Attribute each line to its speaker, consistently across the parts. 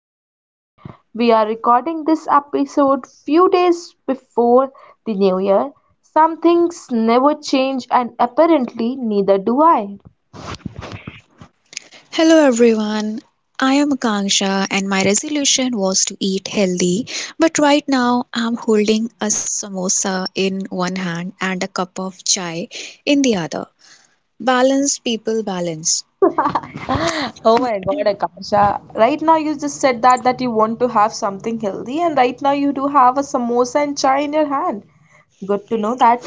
Speaker 1: fashion, we are recording this episode few days before the New Year. Some things never change, and apparently neither do I.
Speaker 2: Hello everyone. I am Akanksha and my resolution was to eat healthy, but right now I'm holding a samosa in one hand and a cup of chai in the other. Balance people balance.
Speaker 1: Oh my God, Akasha. Right now you just said that you want to have something healthy and right now you do have a samosa and chai in your hand. Good to know that.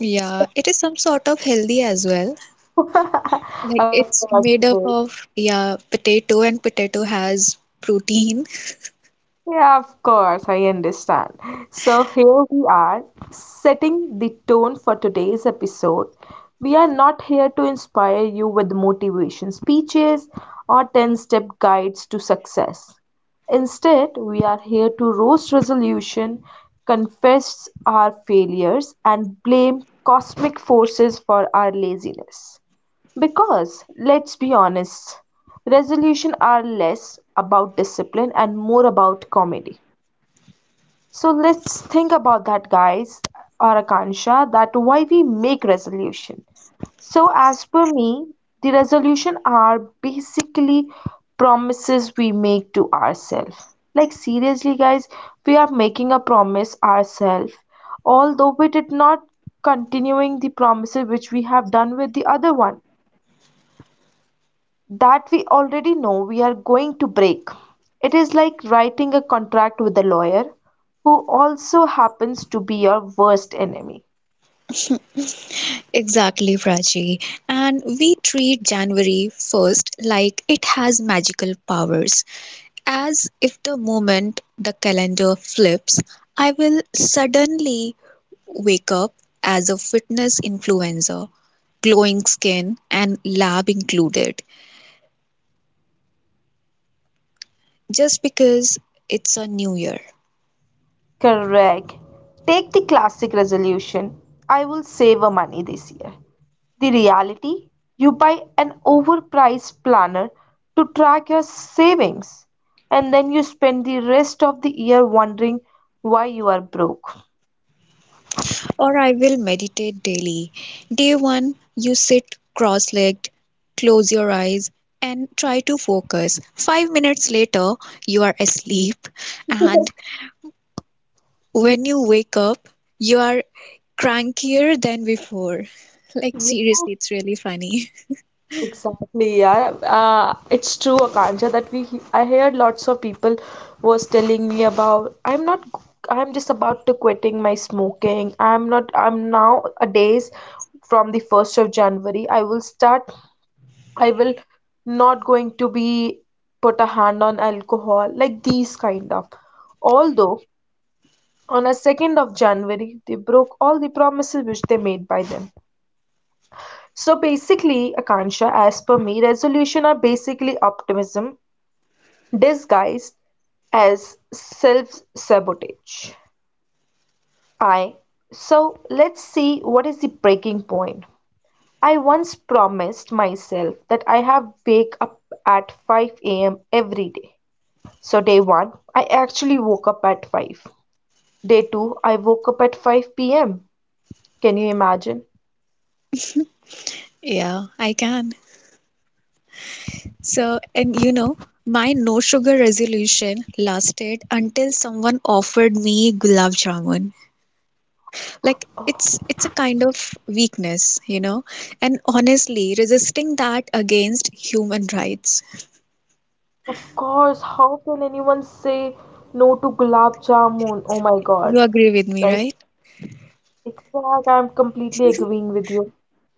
Speaker 2: Yeah,
Speaker 1: So,
Speaker 2: it is some sort of healthy as well. Like
Speaker 1: of
Speaker 2: it's
Speaker 1: course, it
Speaker 2: made
Speaker 1: is.
Speaker 2: up of potato, and potato has protein.
Speaker 1: Yeah, of course, I understand. So here we are, setting the tone for today's episode. We are not here to inspire you with motivation speeches or 10 step guides to success. Instead, we are here to roast resolution, confess our failures, and blame cosmic forces for our laziness. Because, let's be honest, resolutions are less about discipline and more about comedy. So let's think about that, guys, or Akansha, that why we make resolution. So as per me, the resolution are basically promises we make to ourselves. Like seriously, guys, we are making a promise ourselves, although we did not continuing the promises which we have done with the other one that we already know we are going to break. It is like writing a contract with a lawyer who also happens to be your worst enemy.
Speaker 2: Exactly, Prachi. And we treat January 1st like it has magical powers, as if the moment the calendar flips, I will suddenly wake up as a fitness influencer, glowing skin and lab included, just because it's a new year.
Speaker 1: Correct. Take the classic resolution I will save a money this year. The reality you buy an overpriced planner to track your savings, and then you spend the rest of the year wondering why you are broke.
Speaker 2: Or I will meditate daily. Day one, you sit cross legged, close your eyes, and try to focus. 5 minutes later, you are asleep and when you wake up, you are crankier than before. Like, seriously, it's really funny.
Speaker 1: Exactly, yeah. It's true, Akansha, that I heard lots of people was telling me about I'm not I'm just about to quitting my smoking. I'm not I'm now a days from the 1st of January. I will not going to be put a hand on alcohol like these kind of. Although on a 2nd of January they broke all the promises which they made by them. So basically, Akansha, as per me, resolution are basically optimism disguised as self sabotage. I So let's see what is the breaking point. I once promised myself that I have wake up at 5 a.m. every day. So day 1, I actually woke up at 5. Day 2, I woke up at 5 p.m. Can you imagine?
Speaker 2: Yeah, I can. So, and you know, my no sugar resolution lasted until someone offered me gulab jamun. Like, it's a kind of weakness, you know. And honestly, resisting that against human rights.
Speaker 1: Of course, how can anyone say no to gulab jamun? Oh my
Speaker 2: You
Speaker 1: God,
Speaker 2: agree with me,
Speaker 1: right?
Speaker 2: right?
Speaker 1: Exact, I'm completely agreeing with you.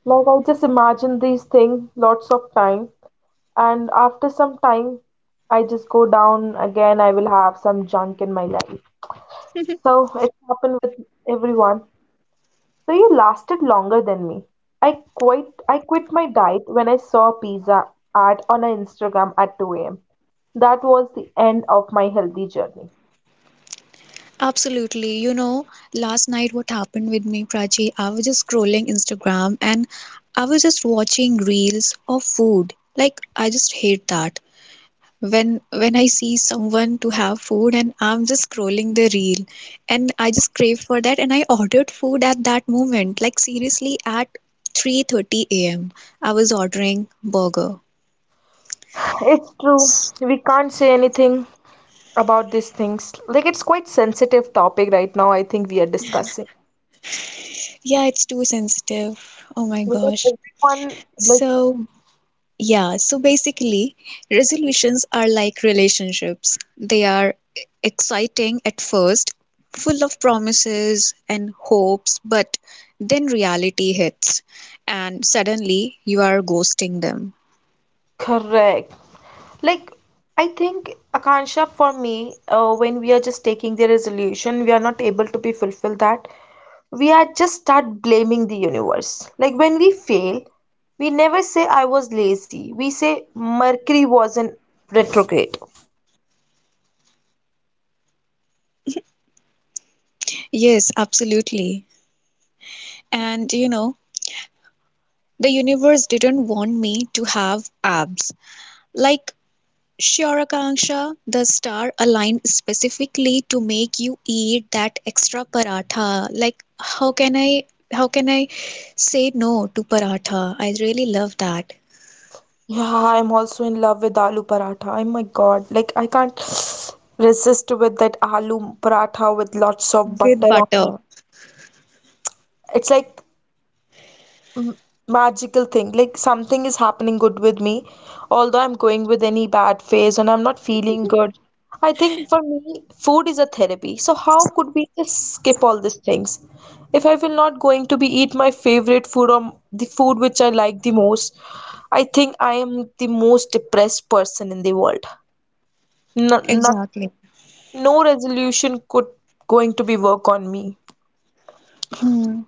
Speaker 1: Like I just imagine these things lots of time, and after some time, I just go down again. I will have some junk in my life. So it happened with everyone. So you lasted longer than me. I quit my diet when I saw a pizza ad on a Instagram at 2 a.m. That was the end of my healthy journey.
Speaker 2: Absolutely. You know, last night what happened with me, Prachi, I was just scrolling Instagram and I was just watching reels of food. Like I just hate that. When I see someone to have food and I'm just scrolling the reel and I just crave for that and I ordered food at that moment. Like seriously at 3:30 a.m. I was ordering burger.
Speaker 1: It's true. We can't say anything about these things. Like it's quite sensitive topic right now I think we are discussing.
Speaker 2: Yeah, it's too sensitive. Oh my
Speaker 1: Because
Speaker 2: gosh.
Speaker 1: everyone like
Speaker 2: So yeah, so basically, resolutions are like relationships. They are exciting at first, full of promises and hopes, but then reality hits and suddenly you are ghosting them.
Speaker 1: correct. Like I think Akansha for me, when we are just taking the resolution we are not able to be fulfill that we are just start blaming the universe. Like when we fail, we never say I was lazy. We say Mercury was in retrograde.
Speaker 2: Yes, absolutely. And you know, the universe didn't want me to have abs. Like Syaurakanksha, the star aligned specifically to make you eat that extra paratha. Like, how can I say no to paratha? I really love that.
Speaker 1: Yeah, I'm also in love with aloo paratha. Oh my god, like I can't resist with that aloo paratha with lots of
Speaker 2: With
Speaker 1: butter on it.
Speaker 2: butter.
Speaker 1: It's like m- magical thing like something is happening good with me although I'm going with any bad phase and I'm not feeling good. I think for me food is a therapy, so how could we just skip all these things? If I will not going to be eat my favorite food or the food which I like the most, I think I am the most depressed person in the world. No, not
Speaker 2: Exactly.
Speaker 1: no resolution could going to be work on me.
Speaker 2: Hmm.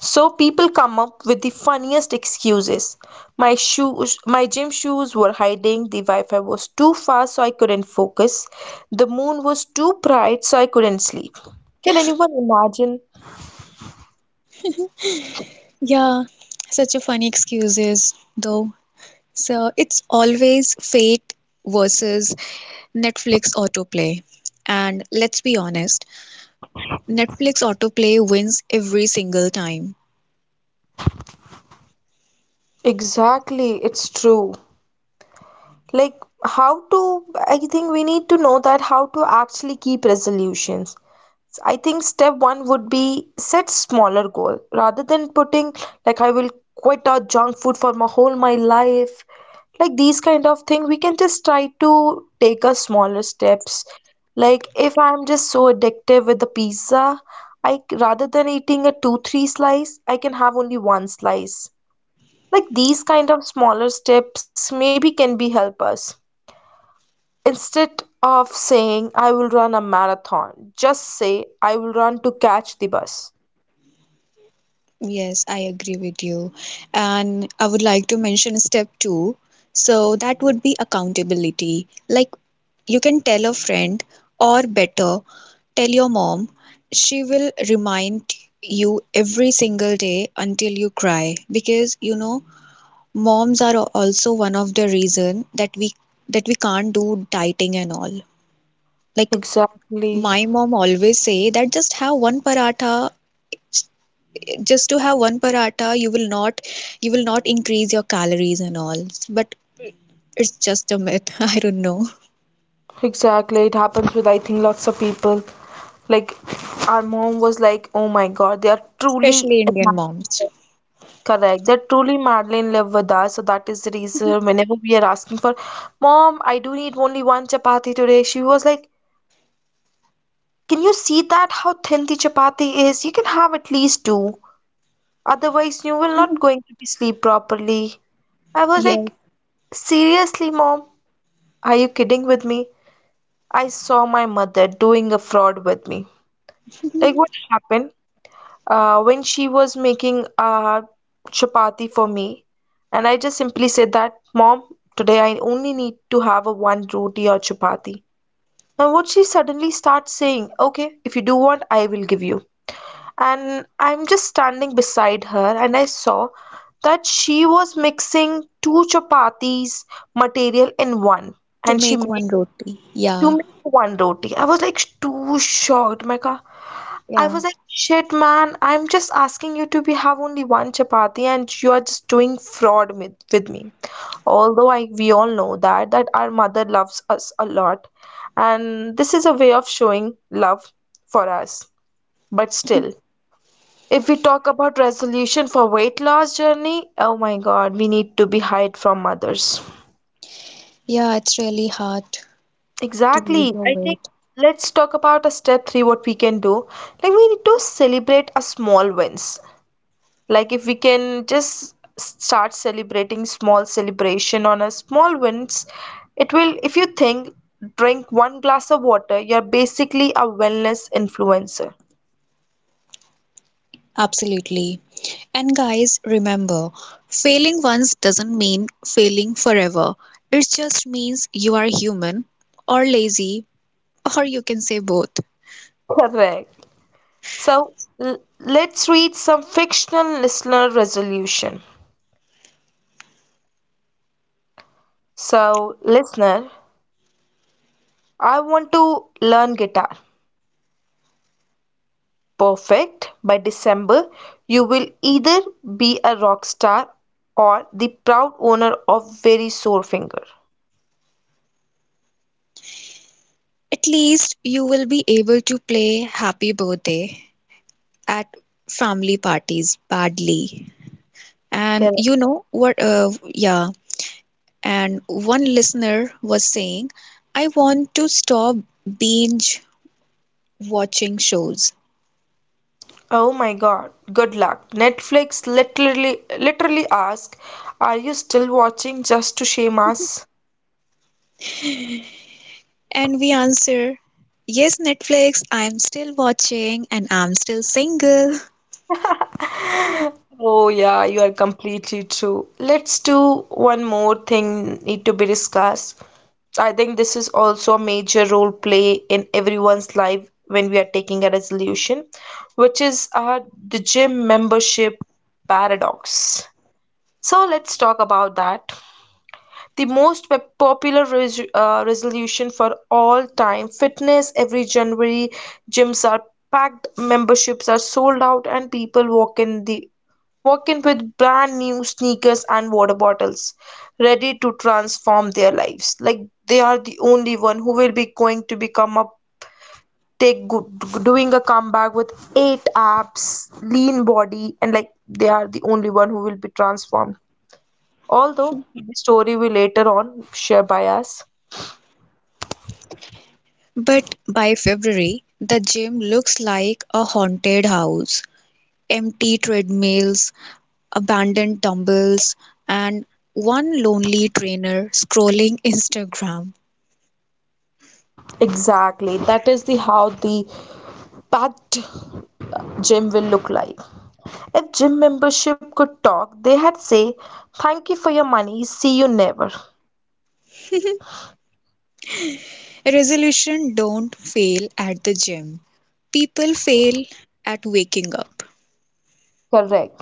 Speaker 1: So people come up with the funniest excuses. My shoes, my gym shoes were hiding, the Wi-Fi was too fast so I couldn't focus, the moon was too bright so I couldn't sleep. Can anyone imagine?
Speaker 2: Yeah, such a funny excuses though. So it's always fate versus Netflix autoplay. And let's be honest, Netflix autoplay wins every single time.
Speaker 1: Exactly, it's true. Like how to I think we need to know that how to actually keep resolutions. I think step one would be set smaller goal rather than putting like I will quit out junk food for my whole my life. Like these kind of thing, we can just try to take a smaller steps. Like if I'm just so addictive with the pizza, I rather than eating a two three slice, I can have only one slice. Like these kind of smaller steps maybe can be help us. Instead of saying, I will run a marathon, just say, I will run to catch the bus.
Speaker 2: Yes, I agree with you. And I would like to mention step two. So that would be accountability. Like you can tell a friend, or better, tell your mom. She will remind you every single day until you cry because you know moms are al- also one of the reason that we can't do dieting and all. Like
Speaker 1: Exactly,
Speaker 2: my mom always say that just have one paratha, just to have one paratha you will not increase your calories and all, but it's just a myth. I don't know.
Speaker 1: exactly. It happens with, I think, lots of people. Like, our mom was like, oh my God, they are truly
Speaker 2: Especially Indian
Speaker 1: Madeline
Speaker 2: moms.
Speaker 1: level. Correct. They're truly Madeline live with us. So that is the reason whenever we are asking for, mom, I do need only one chapati today. She was like, can you see that how thin the chapati is? You can have at least two. Otherwise, you will not going to be sleep properly. I was
Speaker 2: Yes.
Speaker 1: like, seriously, mom, are you kidding with me? I saw my mother doing a fraud with me. Like what happened? When she was making chapati for me, and I just simply said that, mom, today I only need to have a one roti or chapati. And what she suddenly starts saying, okay, if you do want, I will give you. And I'm just standing beside her and I saw that she was mixing two chapatis material in one
Speaker 2: To
Speaker 1: and she
Speaker 2: make
Speaker 1: made
Speaker 2: one roti.
Speaker 1: to
Speaker 2: Yeah.
Speaker 1: make one roti. I was like too shocked, my God. I
Speaker 2: Yeah.
Speaker 1: was like, shit, man, I'm just asking you to be have only one chapati and you are just doing fraud with me. Although I we all know that our mother loves us a lot and this is a way of showing love for us. But still, if we talk about resolution for weight loss journey, oh my God, we need to be hide from others.
Speaker 2: Yeah, it's really hard to lose
Speaker 1: Exactly.
Speaker 2: your
Speaker 1: I think
Speaker 2: weight.
Speaker 1: let's talk about a step three, what we can do. Like we need to celebrate a small wins. Like if we can just start celebrating small celebration on a small wins, it will, if you think, drink one glass of water, you're basically a wellness influencer.
Speaker 2: Absolutely. And guys, remember, failing once doesn't mean failing forever. It just means you are human, or lazy, or you can say both.
Speaker 1: Correct. So let's read some fictional listener resolution. So, listener, I want to learn guitar. Perfect. By December, you will either be a rock star or the proud owner of very sore finger.
Speaker 2: At least you will be able to play Happy Birthday at family parties badly. And
Speaker 1: Correct.
Speaker 2: you know what? Yeah. And one listener was saying, I want to stop binge watching shows.
Speaker 1: Oh my God. Good luck. Netflix literally ask, are you still watching just to shame us?
Speaker 2: And we answer, Yes, Netflix, I'm still watching and I'm still single.
Speaker 1: Oh, yeah, you are completely true. Let's do one more thing need to be discussed. I think this is also a major role play in everyone's life when we are taking a resolution, which is the gym membership paradox. So let's talk about that. The most popular resolution for all time fitness every January, gyms are packed, memberships are sold out, and people walk in with brand new sneakers and water bottles, ready to transform their lives. Like they are the only one who will be going to become a take good, doing a comeback with eight abs, lean body, and like they are the only one who will be transformed. Although the story will later on share by us.
Speaker 2: But by February, the gym looks like a haunted house. Empty treadmills, abandoned dumbbells, and one lonely trainer scrolling Instagram.
Speaker 1: Exactly. That is the how the packed gym will look like. If gym membership could talk, they had say, "Thank you for your money. See you never."
Speaker 2: Resolution don't fail at the gym. People fail at waking up.
Speaker 1: Correct.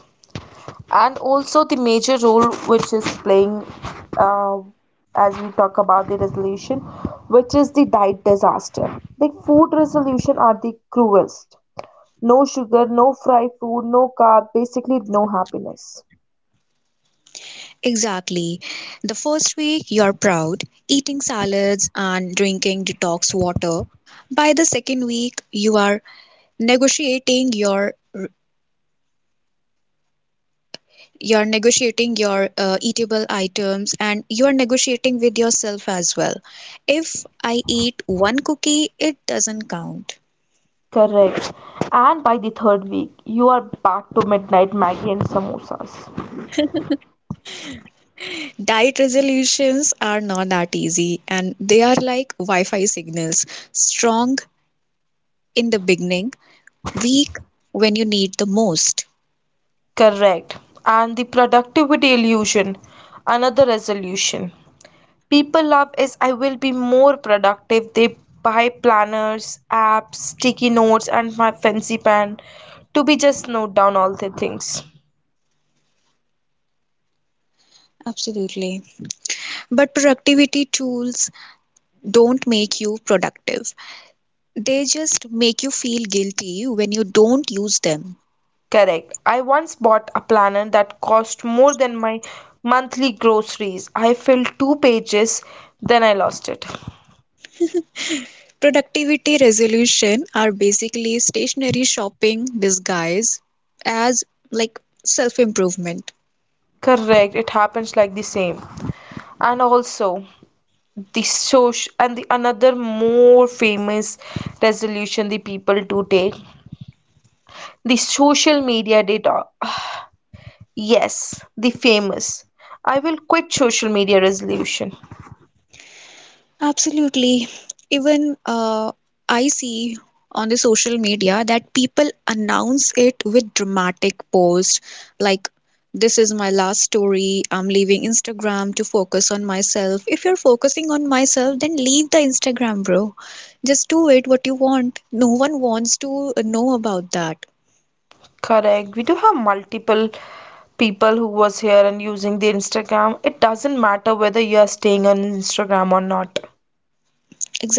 Speaker 1: And also the major role which is playing, uh, as we talk about the resolution, which is the diet disaster. The food resolution are the cruelest. No sugar, no fried food, no carb, basically no happiness.
Speaker 2: Exactly. The first week you're proud, eating salads and drinking detox water. By the second week, you are negotiating your you're negotiating your eatable items, and you're negotiating with yourself as well. If I eat one cookie it doesn't count.
Speaker 1: Correct. And by the third week, you are back to midnight Maggie and samosas.
Speaker 2: Diet resolutions are not that easy, and they are like wi-fi signals, strong in the beginning, weak when you need the most.
Speaker 1: Correct. And the productivity illusion, another resolution. People love is I will be more productive. They buy planners, apps, sticky notes, and my fancy pen to be just note down all the things.
Speaker 2: Absolutely. But productivity tools don't make you productive, they just make you feel guilty when you don't use them.
Speaker 1: Correct. I once bought a planner that cost more than my monthly groceries. I filled two pages, then I lost it.
Speaker 2: Productivity resolution are basically stationary shopping disguised as like self improvement.
Speaker 1: Correct. It happens like the same. And also the social and the another more famous resolution the people do take the social media data. Yes, the famous. I will quit social media resolution.
Speaker 2: Absolutely. Even I see on the social media that people announce it with dramatic posts like, This is my last story. I'm leaving Instagram to focus on myself. If you're focusing on myself, then leave the Instagram, bro. Just do it what you want. No one wants to know about that.
Speaker 1: Correct. We do have multiple people who was here and using the Instagram. It doesn't matter whether you are staying on Instagram or not.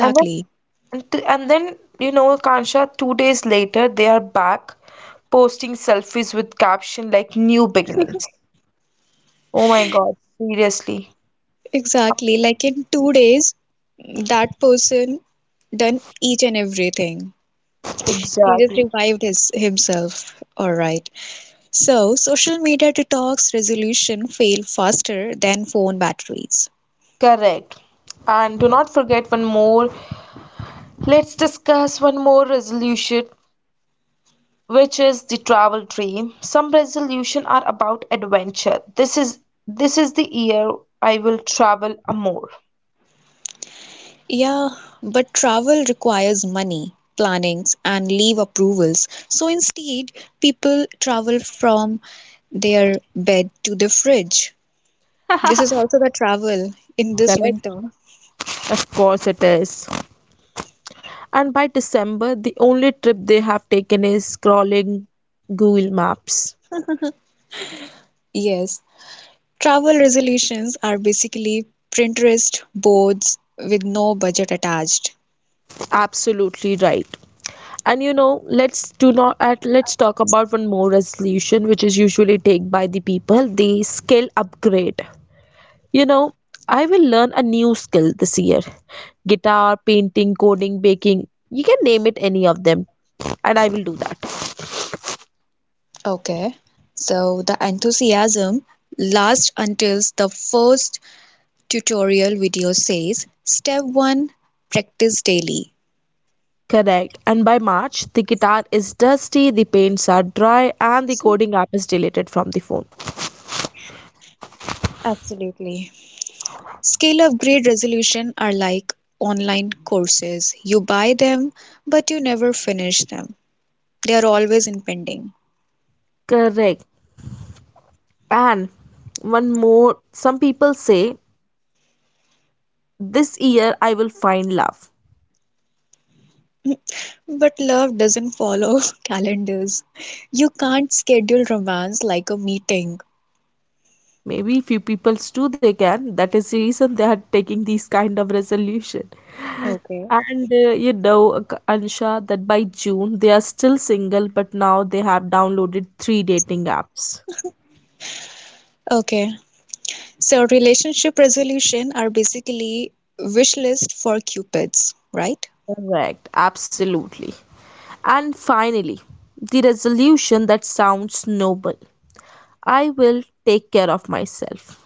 Speaker 1: And then, and then you know, Kansha, 2 days later, they are back posting selfies with caption like new beginnings. Oh my God, seriously.
Speaker 2: Exactly. Like in 2 days, that person done each and everything. He just
Speaker 1: Exactly.
Speaker 2: revived his himself. All right. So social media detox resolution fail faster than phone batteries.
Speaker 1: Correct. And do not forget one more. Let's discuss one more resolution. Which is the travel dream. Some resolution are about adventure. This is the year I will travel a more.
Speaker 2: Yeah, but travel requires money, plannings, and leave approvals. So instead, people travel from their bed to the fridge. This is also the travel in this
Speaker 1: Correct.
Speaker 2: winter.
Speaker 1: Of course it is. And by December, the only trip they have taken is scrolling Google Maps.
Speaker 2: Yes. Travel resolutions are basically Pinterest boards with no budget attached.
Speaker 1: Absolutely right. And you know, let's do not at let's talk about one more resolution which is usually take by the people, the skill upgrade. You know, I will learn a new skill this year, guitar, painting, coding, baking. You can name it any of them, and I will do that.
Speaker 2: Okay. So the enthusiasm lasts until the first tutorial video says step 1, practice daily.
Speaker 1: Correct. And by March, the guitar is dusty, the paints are dry, and the
Speaker 2: So,
Speaker 1: coding app is deleted from the phone.
Speaker 2: absolutely. Scale of grade resolution are like online courses. You buy them but you never finish them. They are always impending.
Speaker 1: Correct. And one more some people say this year I will find love.
Speaker 2: But love doesn't follow calendars. You can't schedule romance like a meeting.
Speaker 1: Maybe few people do they can. That is the reason they are taking these kind of resolution.
Speaker 2: Okay.
Speaker 1: And you know, Ansha, that by June they are still single, but now they have downloaded three dating apps.
Speaker 2: Okay, so relationship resolution are basically wish list for cupids, right?
Speaker 1: Correct, absolutely. And finally, the resolution that sounds noble. I will take care of myself.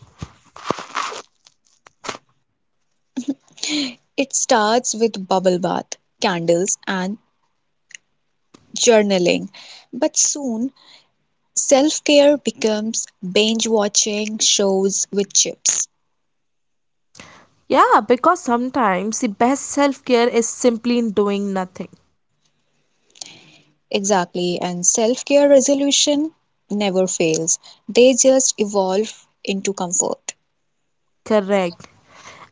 Speaker 2: It starts with bubble bath, candles, and journaling. But soon, self-care becomes binge watching shows with chips.
Speaker 1: Yeah, because sometimes the best self care is simply in doing nothing.
Speaker 2: Exactly, and self-care resolution never fails. They just evolve into comfort.
Speaker 1: Correct.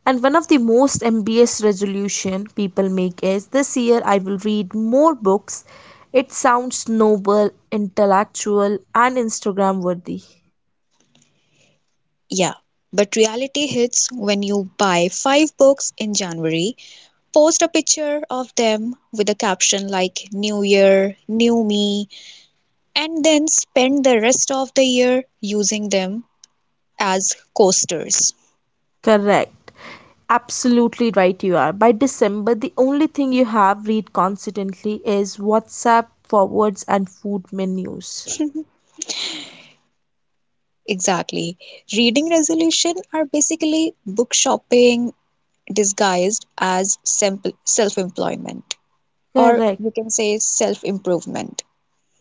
Speaker 1: And one of the most ambitious resolution people make is this year I will read more books. It sounds noble, intellectual, and Instagram worthy.
Speaker 2: Yeah, but reality hits when you buy five books in January, post a picture of them with a caption like New Year, New Me, and then spend the rest of the year using them as coasters.
Speaker 1: Correct. Absolutely right you are. By December, the only thing you have read constantly is WhatsApp forwards and food menus.
Speaker 2: Exactly. Reading resolution are basically book shopping disguised as simple self-employment, or
Speaker 1: Correct.
Speaker 2: you can say self-improvement.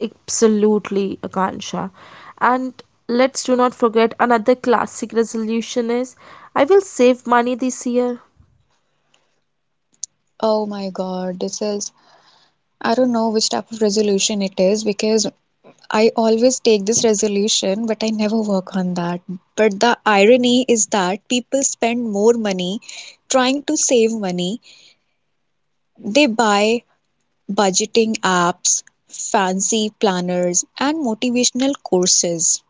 Speaker 1: Absolutely, Akansha. And let's do not forget another classic resolution is I will save money this year.
Speaker 2: Oh my God, this is, I don't know which type of resolution it is, because I always take this resolution, but I never work on that. But the irony is that people spend more money trying to save money. They buy budgeting apps, fancy planners, and motivational courses.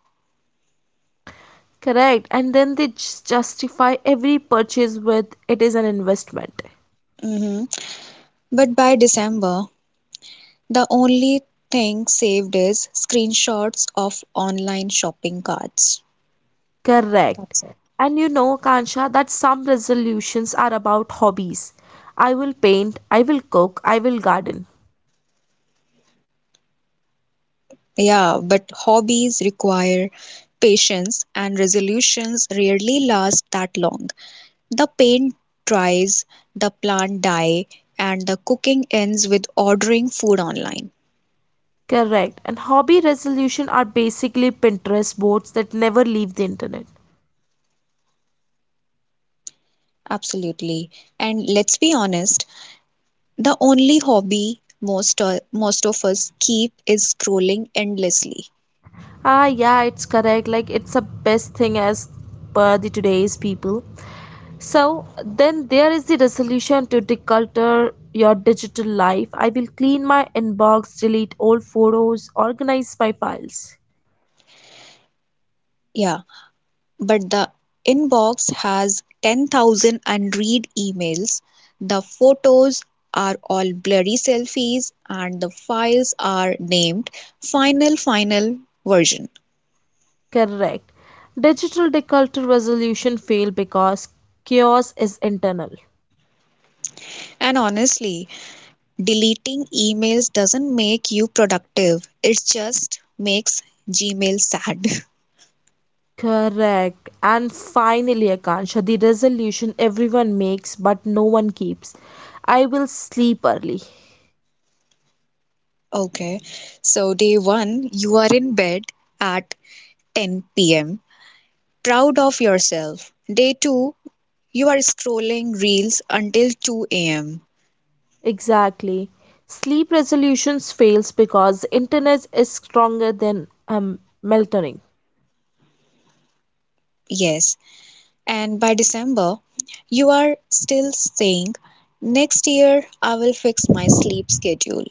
Speaker 1: Correct. And then they just justify every purchase with it is an investment.
Speaker 2: Mhm. But by December, the only thing saved is screenshots of online shopping carts.
Speaker 1: Correct. And you know, Kansha, that some resolutions are about hobbies. I will paint, I will cook, I will garden.
Speaker 2: Yeah, but hobbies require patience and resolutions rarely last that long. The paint dries, the plant die, and the cooking ends with ordering food online.
Speaker 1: Correct. And hobby resolution are basically Pinterest boards that never leave the internet.
Speaker 2: Absolutely. And let's be honest, the only hobby most of us keep is scrolling endlessly.
Speaker 1: Ah, yeah, it's correct. Like it's the best thing as per the today's people. So then there is the resolution to declutter your digital life. I will clean my inbox, delete old photos, organize my files.
Speaker 2: Yeah, but the inbox has 10,000 unread emails. The photos are all blurry selfies and the files are named final final version.
Speaker 1: Correct. Digital declutter resolution failed because chaos is internal.
Speaker 2: And honestly, deleting emails doesn't make you productive. It just makes Gmail sad.
Speaker 1: Correct. And finally, Akansha, the resolution everyone makes but no one keeps. I will sleep early.
Speaker 2: Okay. So day 1, you are in bed at 10 p.m. proud of yourself. Day 2, you are scrolling reels until 2 a.m.
Speaker 1: Exactly. Sleep resolutions fails because internet is stronger than melatonin.
Speaker 2: Yes. And by December, you are still saying, next year I will fix my sleep schedule,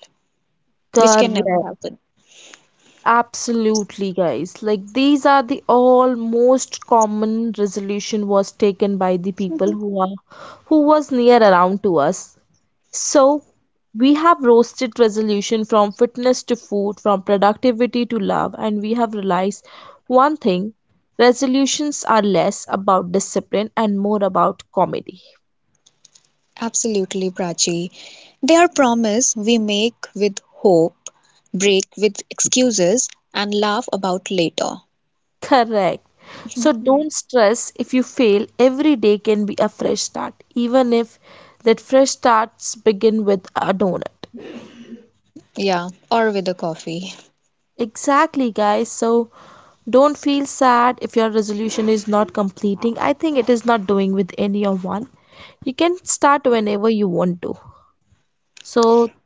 Speaker 2: which can never
Speaker 1: Correct.
Speaker 2: happen.
Speaker 1: Absolutely, guys. Like these are the all most common resolution was taken by the people
Speaker 2: Mhm.
Speaker 1: who was near around to us. So we have roasted resolution from fitness to food, from productivity to love, and we have realized one thing, resolutions are less about discipline and more about comedy.
Speaker 2: Absolutely, Prachi. They are promise we make with hope, break with excuses, and laugh about later.
Speaker 1: Correct. So
Speaker 2: Mhm.
Speaker 1: don't stress if you fail. Every day can be a fresh start, even if that fresh starts begin with a donut.
Speaker 2: Yeah, or with a coffee.
Speaker 1: Exactly, guys. So don't feel sad if your resolution is not completing. I think it is not doing with any of one. You can start whenever you want to. So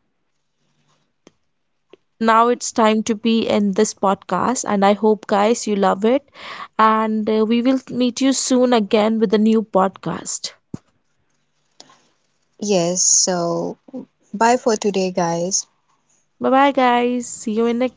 Speaker 1: now it's time to be in this podcast, and I hope uh,
Speaker 2: Yes, so bye for today, guys.
Speaker 1: bye bye. See you in